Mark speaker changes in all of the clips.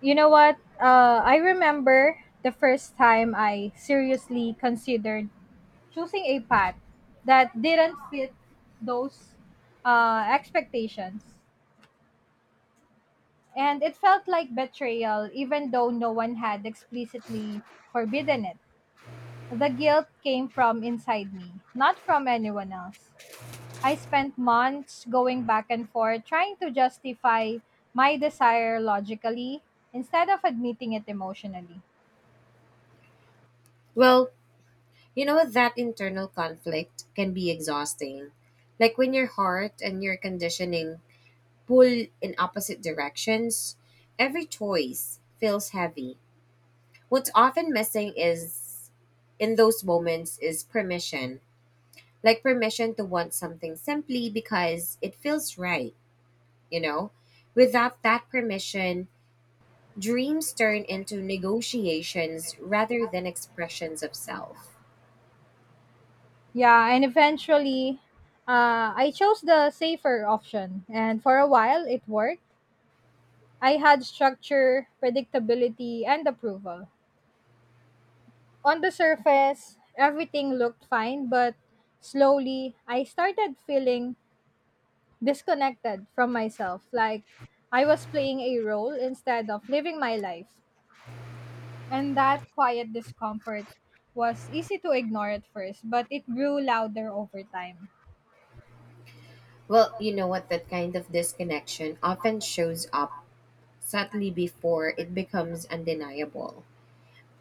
Speaker 1: You know what? I remember the first time I seriously considered choosing a path that didn't fit those expectations. And it felt like betrayal, even though no one had explicitly forbidden it. The guilt came from inside me, not from anyone else. I spent months going back and forth trying to justify my desire logically instead of admitting it emotionally.
Speaker 2: Well, you know, that internal conflict can be exhausting. Like when your heart and your conditioning pull in opposite directions, every choice feels heavy. What's often missing is in those moments is permission. Like permission to want something simply because it feels right, you know? Without that permission, dreams turn into negotiations rather than expressions of self.
Speaker 1: Yeah, and eventually, I chose the safer option, and for a while it worked. I had structure, predictability, and approval. On the surface, everything looked fine, but slowly I started feeling disconnected from myself, like I was playing a role instead of living my life. And that quiet discomfort was easy to ignore at first, but it grew louder over time.
Speaker 2: Well, you know what? That kind of disconnection often shows up subtly before it becomes undeniable.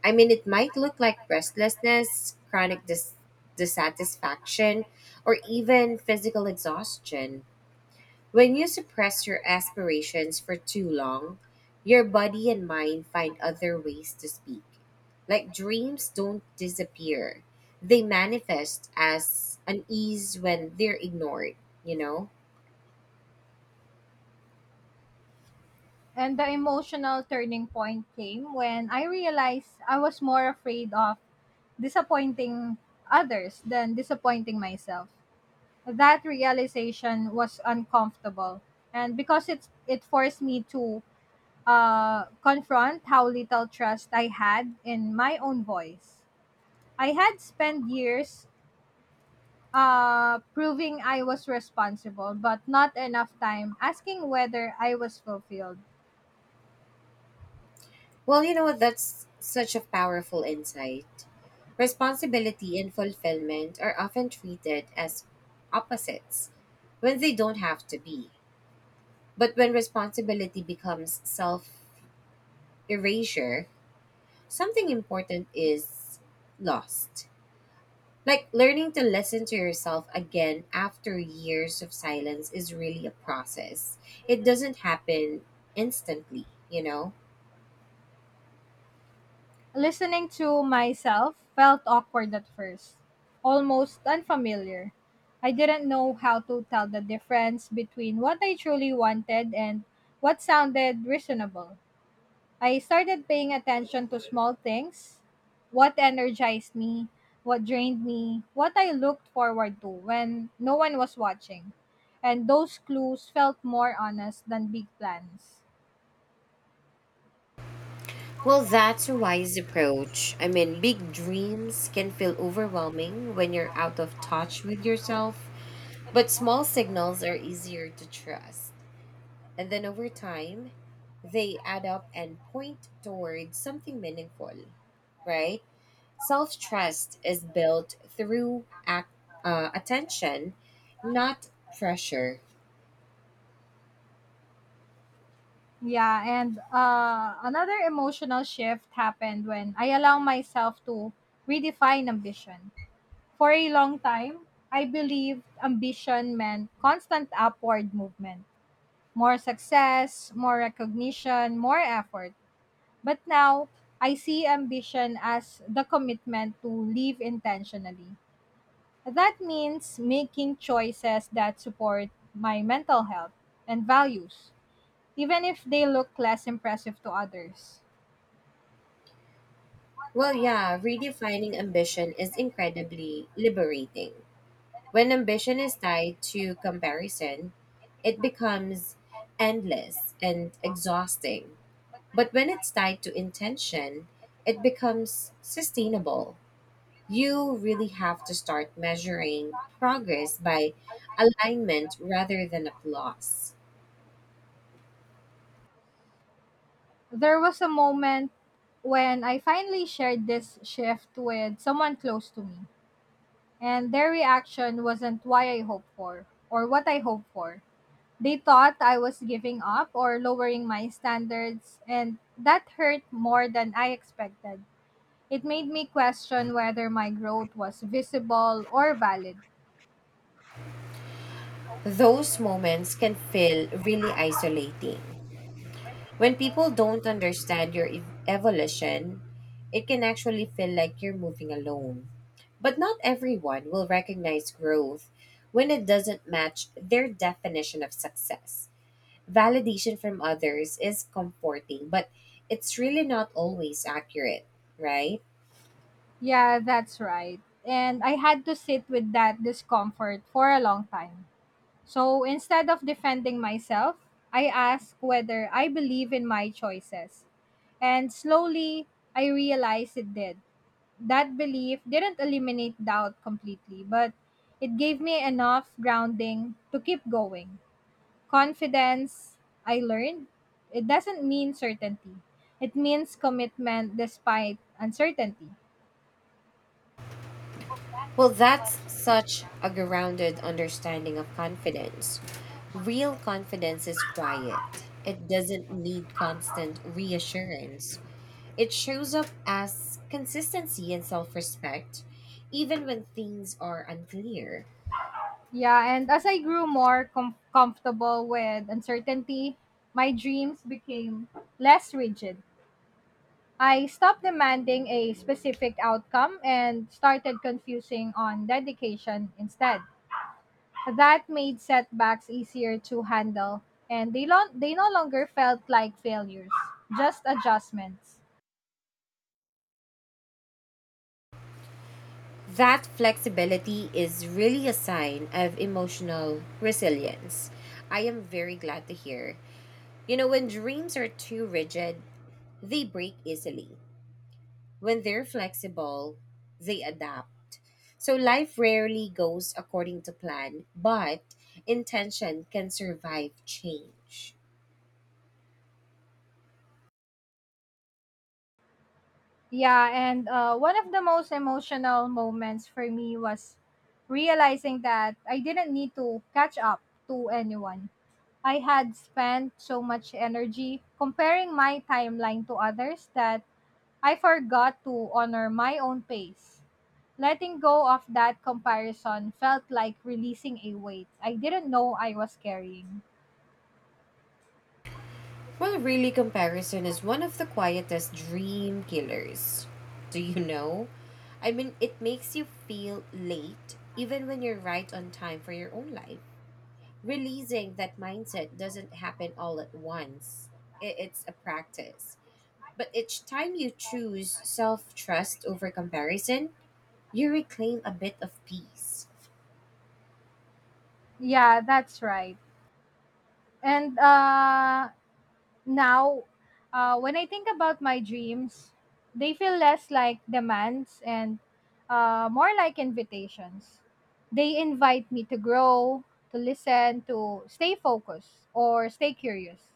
Speaker 2: I mean, it might look like restlessness, dissatisfaction, or even physical exhaustion. When you suppress your aspirations for too long, your body and mind find other ways to speak. Like dreams don't disappear, they manifest as unease when they're ignored, you know?
Speaker 1: And the emotional turning point came when I realized I was more afraid of disappointing others than disappointing myself. That realization was uncomfortable, and because it forced me to confront how little trust I had in my own voice. I had spent years proving I was responsible, but not enough time asking whether I was fulfilled.
Speaker 2: Well, you know what, that's such a powerful insight. Responsibility and fulfillment are often treated as opposites when they don't have to be. But when responsibility becomes self erasure, something important is lost. Like learning to listen to yourself again after years of silence is really a process. It doesn't happen instantly?
Speaker 1: Listening to myself felt awkward at first, almost unfamiliar. I didn't know how to tell the difference between what I truly wanted and what sounded reasonable. I started paying attention to small things, what energized me, what drained me, what I looked forward to when no one was watching. And those clues felt more honest than big plans.
Speaker 2: Well, that's a wise approach. I mean, big dreams can feel overwhelming when you're out of touch with yourself, but small signals are easier to trust. And then over time, they add up and point towards something meaningful, right? Self trust is built through attention, not pressure.
Speaker 1: Yeah, and another emotional shift happened when I allowed myself to redefine ambition. For a long time, I believed ambition meant constant upward movement, more success, more recognition, more effort. But now, I see ambition as the commitment to live intentionally. That means making choices that support my mental health and values, even if they look less impressive to others.
Speaker 2: Well, yeah, redefining ambition is incredibly liberating. When ambition is tied to comparison, it becomes endless and exhausting. But when it's tied to intention, it becomes sustainable. You really have to start measuring progress by alignment rather than applause.
Speaker 1: There was a moment when I finally shared this shift with someone close to me, and their reaction wasn't why I hoped for or what I hoped for. They thought I was giving up or lowering my standards, and that hurt more than I expected. It made me question whether my growth was visible or valid.
Speaker 2: Those moments can feel really isolating. When people don't understand your evolution, it can actually feel like you're moving alone. But not everyone will recognize growth when it doesn't match their definition of success. Validation from others is comforting, but it's really not always accurate, right?
Speaker 1: Yeah, that's right. And I had to sit with that discomfort for a long time. So instead of defending myself, I asked whether I believe in my choices. And slowly, I realized it did. That belief didn't eliminate doubt completely, but it gave me enough grounding to keep going. Confidence, I learned, it doesn't mean certainty. It means commitment despite uncertainty.
Speaker 2: Well, that's such a grounded understanding of confidence. Real confidence is quiet, it doesn't need constant reassurance. It shows up as consistency and self respect, even when things are unclear.
Speaker 1: Yeah, and as I grew more comfortable with uncertainty, my dreams became less rigid. I stopped demanding a specific outcome and started confusing on dedication instead. That made setbacks easier to handle, and they no longer felt like failures, just adjustments.
Speaker 2: That flexibility is really a sign of emotional resilience. I am very glad to hear. You know, when dreams are too rigid, they break easily. When they're flexible, they adapt. So life rarely goes according to plan, but intention can survive change.
Speaker 1: Yeah, and one of the most emotional moments for me was realizing that I didn't need to catch up to anyone. I had spent so much energy comparing my timeline to others that I forgot to honor my own pace. Letting go of that comparison felt like releasing a weight I didn't know I was carrying.
Speaker 2: Well, really, comparison is one of the quietest dream killers. Do you know? I mean, it makes you feel late even when you're right on time for your own life. Releasing that mindset doesn't happen all at once, it's a practice. But each time you choose self trust over comparison, you reclaim a bit of peace.
Speaker 1: Yeah, that's right. And now, when I think about my dreams, they feel less like demands and more like invitations. They invite me to grow, to listen, to stay focused, or stay curious.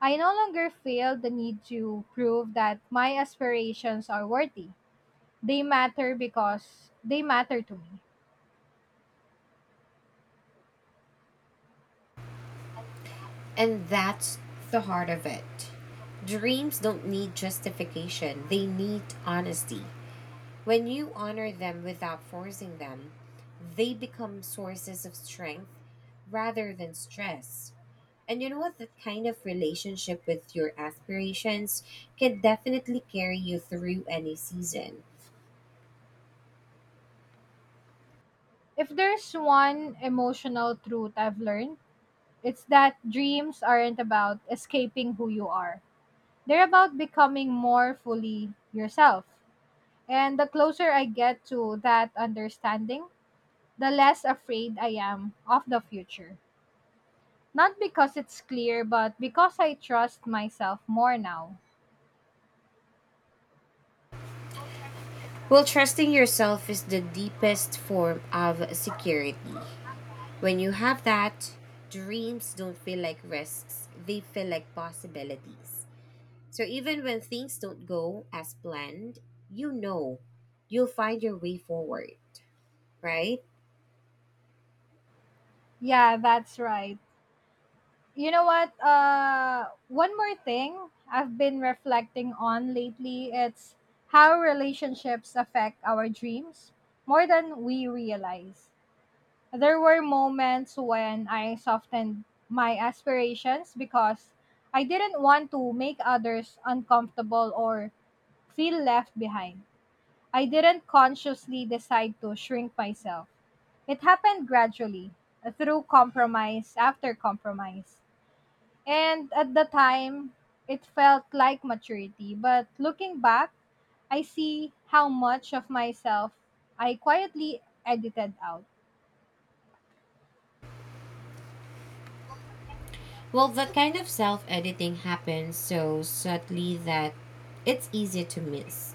Speaker 1: I no longer feel the need to prove that my aspirations are worthy. They matter because they matter to me.
Speaker 2: And that's the heart of it. Dreams don't need justification, they need honesty. When you honor them without forcing them, they become sources of strength rather than stress. And you know what? That kind of relationship with your aspirations can definitely carry you through any season.
Speaker 1: If there's one emotional truth I've learned, it's that dreams aren't about escaping who you are. They're about becoming more fully yourself. And the closer I get to that understanding, the less afraid I am of the future. Not because it's clear, but because I trust myself more now.
Speaker 2: Well, trusting yourself is the deepest form of security. When you have that, dreams don't feel like risks, they feel like possibilities. So even when things don't go as planned, you know you'll find your way forward, right?
Speaker 1: Yeah, that's right. You know what? One more thing I've been reflecting on lately, it's how relationships affect our dreams more than we realize. There were moments when I softened my aspirations because I didn't want to make others uncomfortable or feel left behind. I didn't consciously decide to shrink myself, it happened gradually, through compromise after compromise. And at the time, it felt like maturity. But looking back, I see how much of myself I quietly edited out.
Speaker 2: Well, that kind of self editing happens so subtly that it's easy to miss.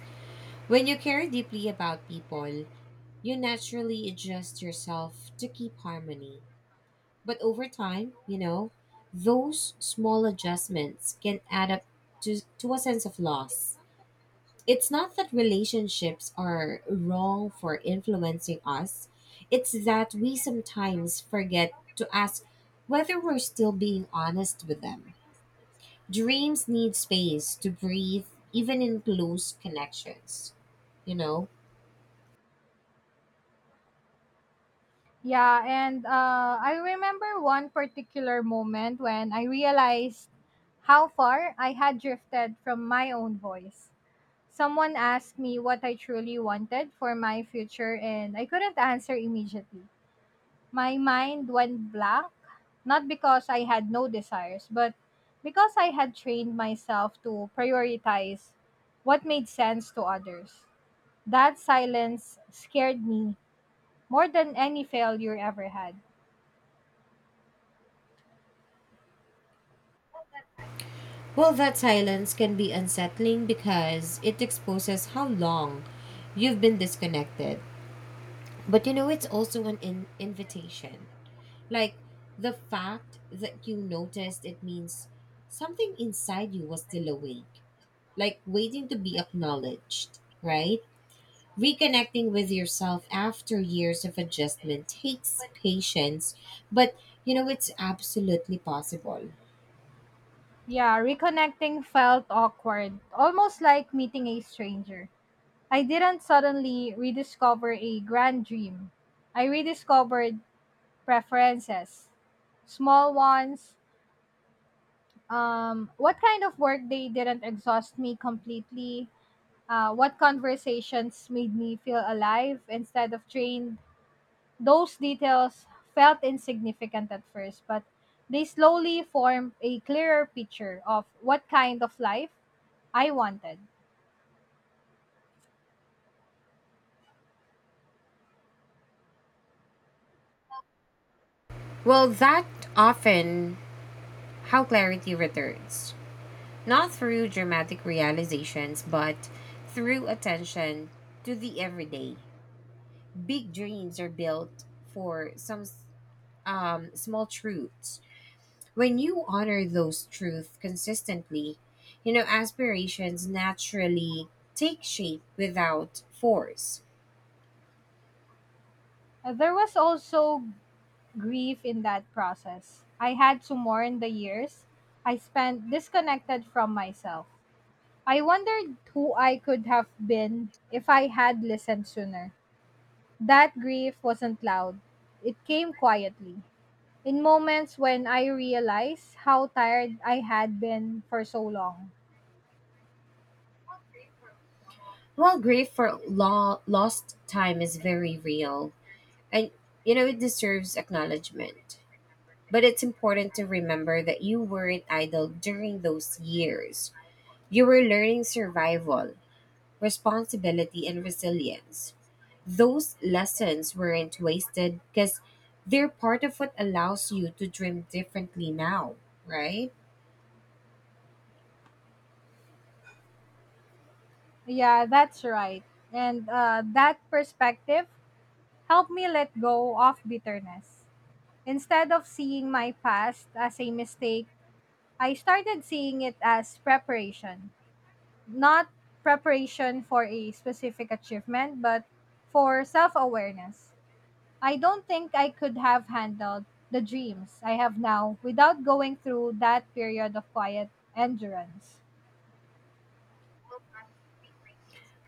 Speaker 2: When you care deeply about people, you naturally adjust yourself to keep harmony. But over time, you know, those small adjustments can add up to a sense of loss. It's not that relationships are wrong for influencing us, it's that we sometimes forget to ask whether we're still being honest with them. Dreams need space to breathe, even in close connections you know?
Speaker 1: Yeah, and I remember one particular moment when I realized how far I had drifted from my own voice. Someone asked me what I truly wanted for my future, and I couldn't answer immediately. My mind went blank, not because I had no desires, but because I had trained myself to prioritize what made sense to others. That silence scared me more than any failure ever had.
Speaker 2: Well, that silence can be unsettling because it exposes how long you've been disconnected. But you know, it's also an invitation. Like the fact that you noticed it means something inside you was still awake, like waiting to be acknowledged, right? Reconnecting with yourself after years of adjustment takes patience, but you know, it's absolutely possible.
Speaker 1: Yeah, reconnecting felt awkward, almost like meeting a stranger. I didn't suddenly rediscover a grand dream. I rediscovered preferences, small ones. What kind of work they didn't exhaust me completely. What conversations made me feel alive instead of drained. Those details felt insignificant at first, but they slowly formed a clearer picture of what kind of life I wanted.
Speaker 2: Well, that often how clarity returns, not through dramatic realizations, but through attention to the everyday. Big dreams are built for small truths. When you honor those truths consistently, you know, aspirations naturally take shape without force.
Speaker 1: There was also grief in that process. I had to mourn the years I spent disconnected from myself. I wondered who I could have been if I had listened sooner. That grief wasn't loud, it came quietly. In moments when I realized how tired I had been for so long.
Speaker 2: While grief for lost time is very real, and you know, it deserves acknowledgement. But it's important to remember that you weren't idle during those years. You were learning survival responsibility, and resilience. Those lessons weren't wasted because they're part of what allows you to dream differently now, right?
Speaker 1: Yeah, that's right. And that perspective helped me let go of bitterness. Instead of seeing my past as a mistake, I started seeing it as preparation, not preparation for a specific achievement, but for self awareness. I don't think I could have handled the dreams I have now without going through that period of quiet endurance.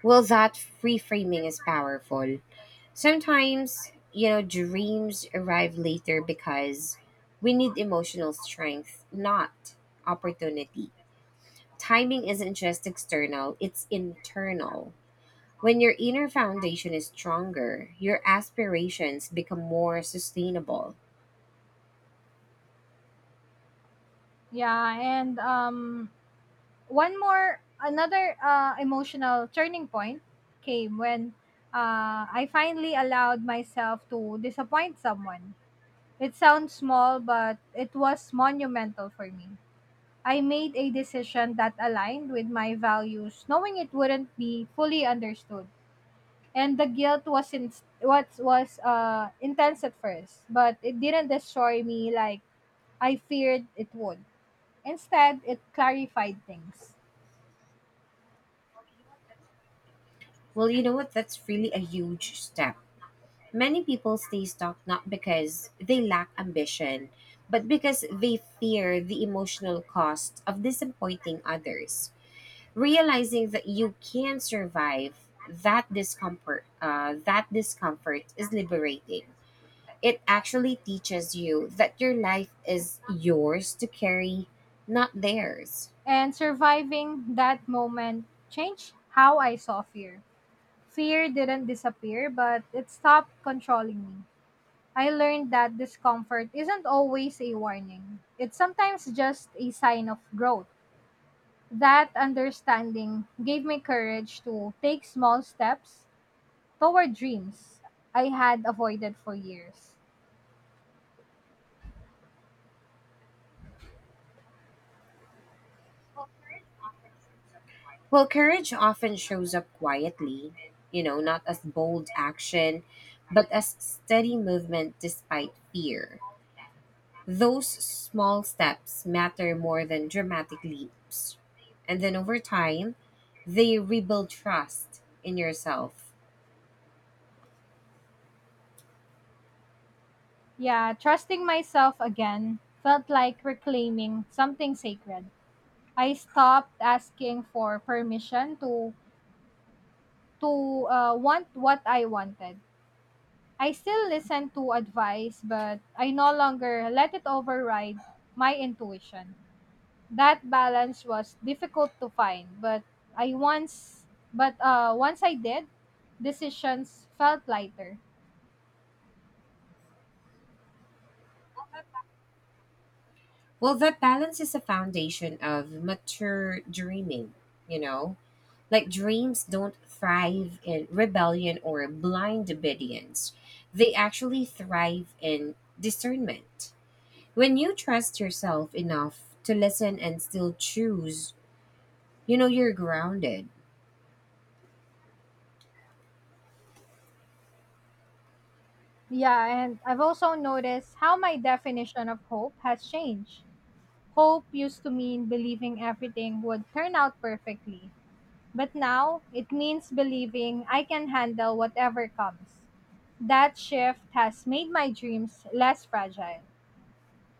Speaker 2: Well, that reframing is powerful. Sometimes, you know, dreams arrive later because we need emotional strength, not opportunity. Timing isn't just external, it's internal. When your inner foundation is stronger, your aspirations become more sustainable.
Speaker 1: Yeah, and one more, another emotional turning point came when I finally allowed myself to disappoint someone. It sounds small, but it was monumental for me. I made a decision that aligned with my values, knowing it wouldn't be fully understood. And the guilt was in, what was intense at first, but it didn't destroy me like I feared it would. Instead, it clarified things.
Speaker 2: Well, you know what? That's really a huge step. Many people stay stuck not because they lack ambition, but because they fear the emotional cost of disappointing others. Realizing that you can survive that discomfort is liberating. It actually teaches you that your life is yours to carry, not theirs.
Speaker 1: And surviving that moment changed how I saw fear. Fear didn't disappear, but it stopped controlling me. I learned that discomfort isn't always a warning. It's sometimes just a sign of growth. That understanding gave me courage to take small steps toward dreams I had avoided for years.
Speaker 2: Well, courage often shows up quietly, you know, not as bold action, but as steady movement despite fear. Those small steps matter more than dramatic leaps. And then over time, they rebuild trust in yourself.
Speaker 1: Yeah, trusting myself again felt like reclaiming something sacred. I stopped asking for permission to want what I wanted. I still listen to advice, but I no longer let it override my intuition. That balance was difficult to find, but I once but once I did, decisions felt lighter.
Speaker 2: Well, that balance is a foundation of mature dreaming, you know? Like dreams don't thrive in rebellion or blind obedience. They actually thrive in discernment. When you trust yourself enough to listen and still choose, you know you're grounded.
Speaker 1: Yeah, and I've also noticed how my definition of hope has changed. Hope used to mean believing everything would turn out perfectly. But now it means believing I can handle whatever comes. That shift has made my dreams less fragile.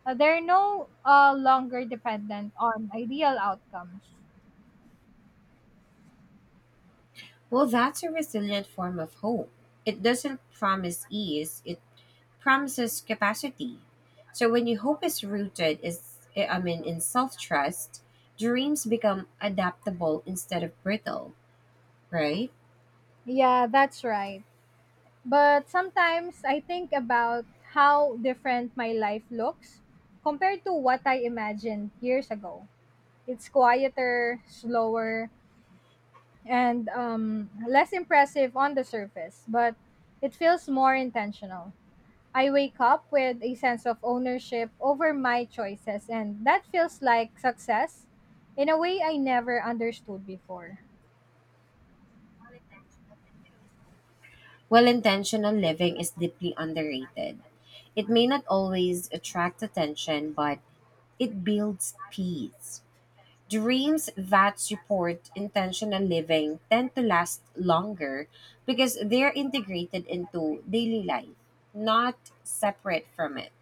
Speaker 1: They're no longer dependent on ideal outcomes.
Speaker 2: Well, that's a resilient form of hope. It doesn't promise ease, it promises capacity. So when your hope is I mean in self-trust, dreams become adaptable instead of brittle, right?
Speaker 1: Yeah, that's right. But sometimes I think about how different my life looks compared to what I imagined years ago. It's quieter, slower, and less impressive on the surface, but it feels more intentional. I wake up with a sense of ownership over my choices, and that feels like success in a way I never understood before.
Speaker 2: Well intentional living is deeply underrated. It may not always attract attention, but it builds peace. Dreams that support intentional living tend to last longer because they're integrated into daily life, not separate from it.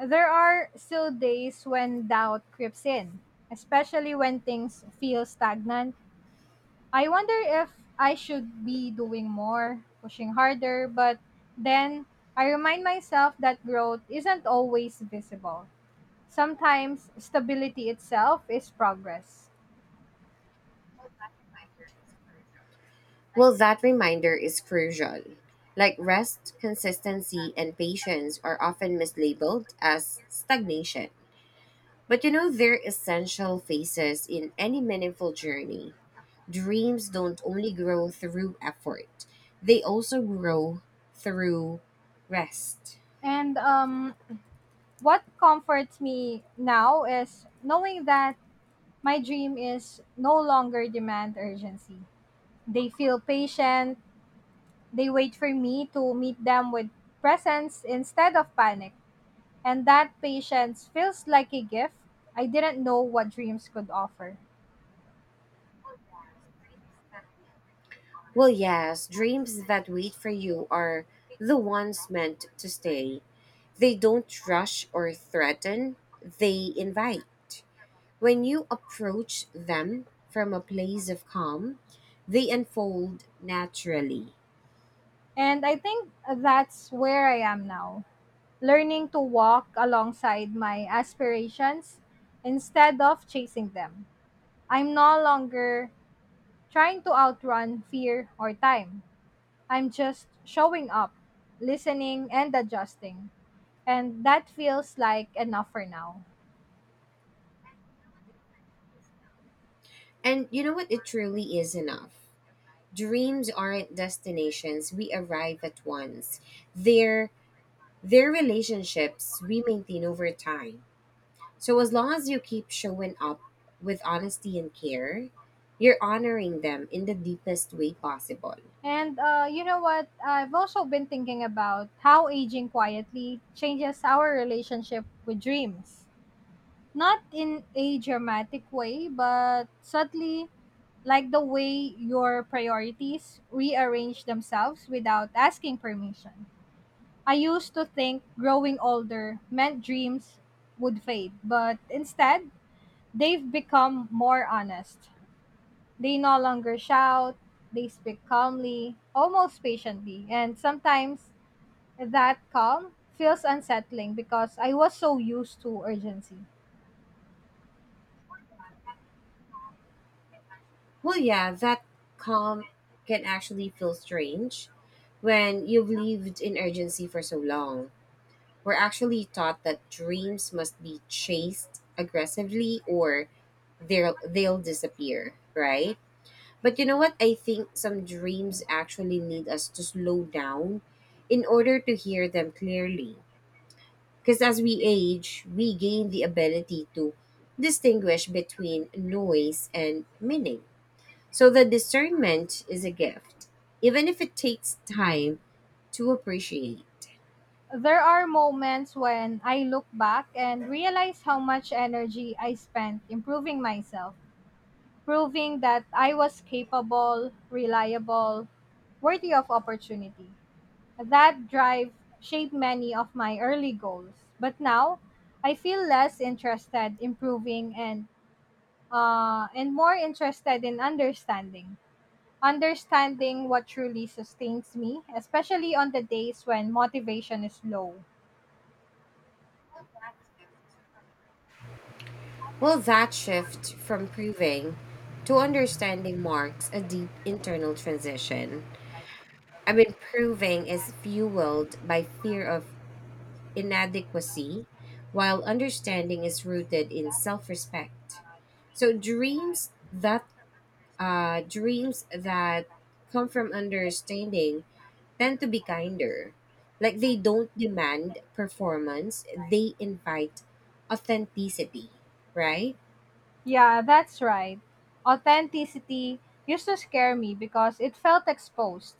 Speaker 1: There are still days when doubt creeps in, especially when things feel stagnant. I wonder if I should be doing more, pushing harder, but then I remind myself that growth isn't always visible. Sometimes stability itself is progress.
Speaker 2: Well, that reminder is crucial. Like rest, consistency, and patience are often mislabeled as stagnation. But you know, they're essential phases in any meaningful journey. Dreams don't only grow through effort, they also grow through rest.
Speaker 1: And what comforts me now is knowing that my dream is no longer demand urgency. They feel patient, they wait for me to meet them with presence instead of panic. And that patience feels like a gift. I didn't know what dreams could offer.
Speaker 2: Well, yes, dreams that wait for you are the ones meant to stay. They don't rush or threaten, they invite. When you approach them from a place of calm, they unfold naturally.
Speaker 1: And I think that's where I am now, learning to walk alongside my aspirations instead of chasing them. I'm no longer trying to outrun fear or time. I'm just showing up, listening, and adjusting. And that feels like enough for now.
Speaker 2: And you know what? It truly is enough. Dreams aren't destinations we arrive at once. They're they're relationships we maintain over time. So as long as you keep showing up with honesty and care, you're honoring them in the deepest way possible.
Speaker 1: And you know what? I've also been thinking about how aging quietly changes our relationship with dreams. Not in a dramatic way, but subtly, like the way your priorities rearrange themselves without asking permission. I used to think growing older meant dreams would fade, but instead, they've become more honest. They no longer shout, they speak calmly, almost patiently, and sometimes that calm feels unsettling because I was so used to urgency.
Speaker 2: Well, yeah, that calm can actually feel strange when you've lived in urgency for so long. We're actually taught that dreams must be chased aggressively or they'll disappear, right? But you know what? I think some dreams actually need us to slow down in order to hear them clearly. Because as we age, we gain the ability to distinguish between noise and meaning. So the discernment is a gift, even if it takes time to appreciate.
Speaker 1: There are moments when I look back and realize how much energy I spent improving myself, proving that I was capable, reliable, worthy of opportunity. That drive shaped many of my early goals, but now I feel less interested in proving and more interested in understanding. Understanding what truly sustains me, especially on the days when motivation is low.
Speaker 2: Well, that shift from proving to understanding marks a deep internal transition. I mean, proving is fueled by fear of inadequacy, while understanding is rooted in self-respect. So dreams that come from understanding tend to be kinder. Like they don't demand performance, they invite authenticity, right?
Speaker 1: Yeah, that's right. Authenticity used to scare me because it felt exposed.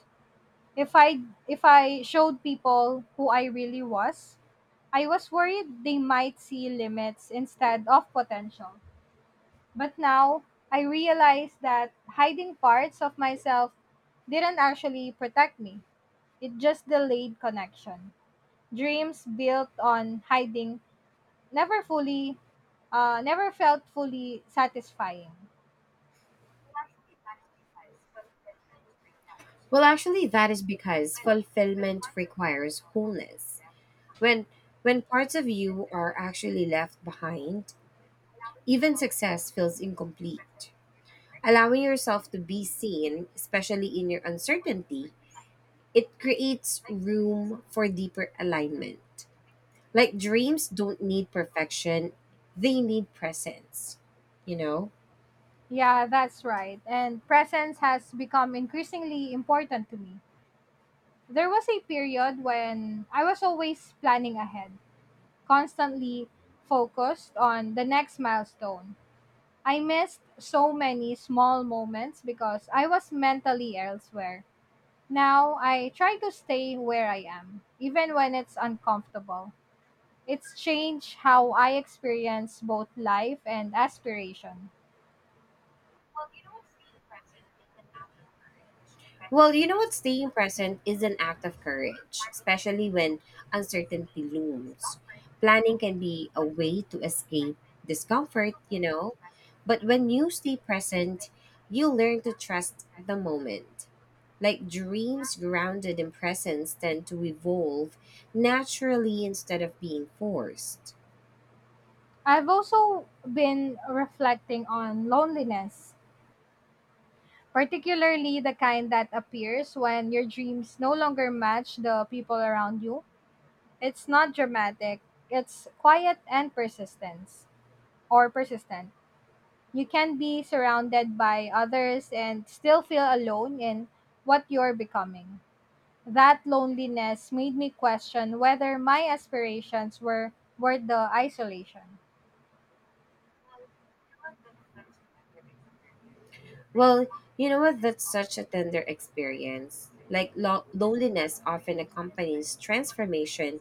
Speaker 1: If I if I showed people who I really was, I was worried they might see limits instead of potential. But now I realize that hiding parts of myself didn't actually protect me. It just delayed connection. Dreams built on hiding never fully never felt fully satisfying.
Speaker 2: Well, actually that is because fulfillment requires wholeness. When when parts of you are actually left behind, even success feels incomplete. Allowing yourself to be seen, especially in your uncertainty, it creates room for deeper alignment. Like dreams don't need perfection, they need presence, you know?
Speaker 1: Yeah, that's right. And presence has become increasingly important to me. There was a period when I was always planning ahead, constantly focused on the next milestone. I missed so many small moments because I was mentally elsewhere. Now I try to stay where I am, even when it's uncomfortable. It's changed how I experience both life and aspiration.
Speaker 2: Well, you know what? Staying present is an act of courage, especially when uncertainty looms. Planning can be a way to escape discomfort, you know, but when you stay present, you learn to trust the moment. Like dreams grounded in presence tend to evolve naturally instead of being forced.
Speaker 1: I've also been reflecting on loneliness, particularly the kind that appears when your dreams no longer match the people around you. It's not dramatic, it's quiet and persistence or persistent. You can be surrounded by others and still feel alone in what you're becoming. That loneliness made me question whether my aspirations were worth the isolation.
Speaker 2: Well, you know what? That's such a tender experience. Like loneliness often accompanies transformation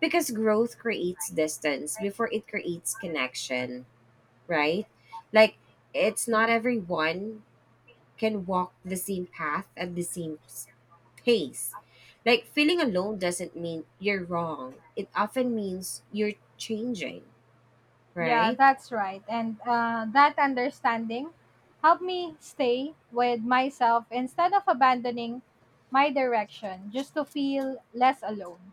Speaker 2: because growth creates distance before it creates connection, right? Like it's not everyone can walk the same path at the pace. Like feeling alone doesn't mean you're wrong. It often means you're changing,
Speaker 1: Yeah,
Speaker 2: right?
Speaker 1: that's right. And that understanding helped me stay with myself instead of abandoning my direction just to feel less alone.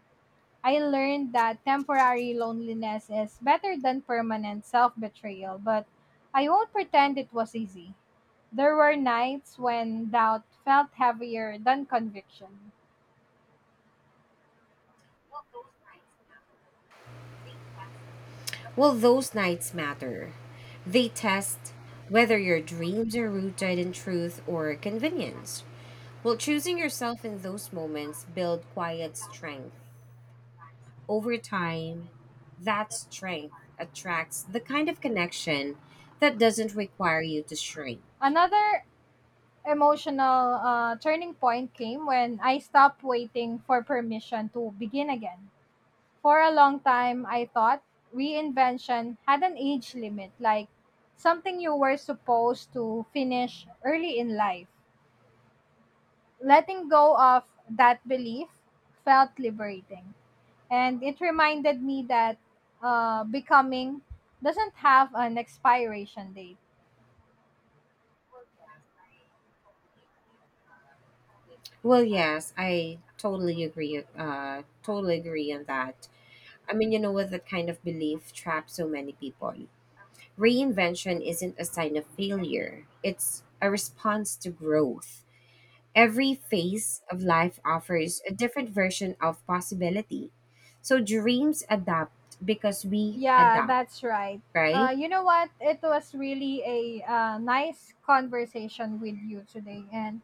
Speaker 1: I learned that temporary loneliness is better than permanent self betrayal, but I won't pretend it was easy. There were nights when doubt felt heavier than conviction.
Speaker 2: Well, those nights matter. They test whether your dreams are rooted in truth or convenience. Well, choosing yourself in those moments build quiet strength. Over time, that strength attracts the kind of connection that doesn't require you to shrink.
Speaker 1: Another emotional turning point came when I stopped waiting for permission to begin again. For a long time, I thought reinvention had an age limit, like something you were supposed to finish early in life. Letting go of that belief felt liberating. And it reminded me that becoming doesn't have an expiration date.
Speaker 2: Well, yes, I totally agree. Totally agree on that. I mean, you know what? That kind of belief traps so many people. Reinvention isn't a sign of failure, it's a response to growth. Every phase of life offers a different version of possibility. So dreams adapt because we
Speaker 1: Yeah,
Speaker 2: adapt,
Speaker 1: that's right.
Speaker 2: right?
Speaker 1: You know what? It was really a nice conversation with you today, and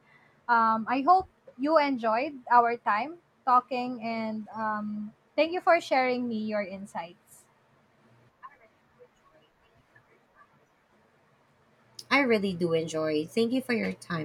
Speaker 1: I hope you enjoyed our time talking. And thank you for sharing me your insights.
Speaker 2: I really do enjoy. Thank you for your time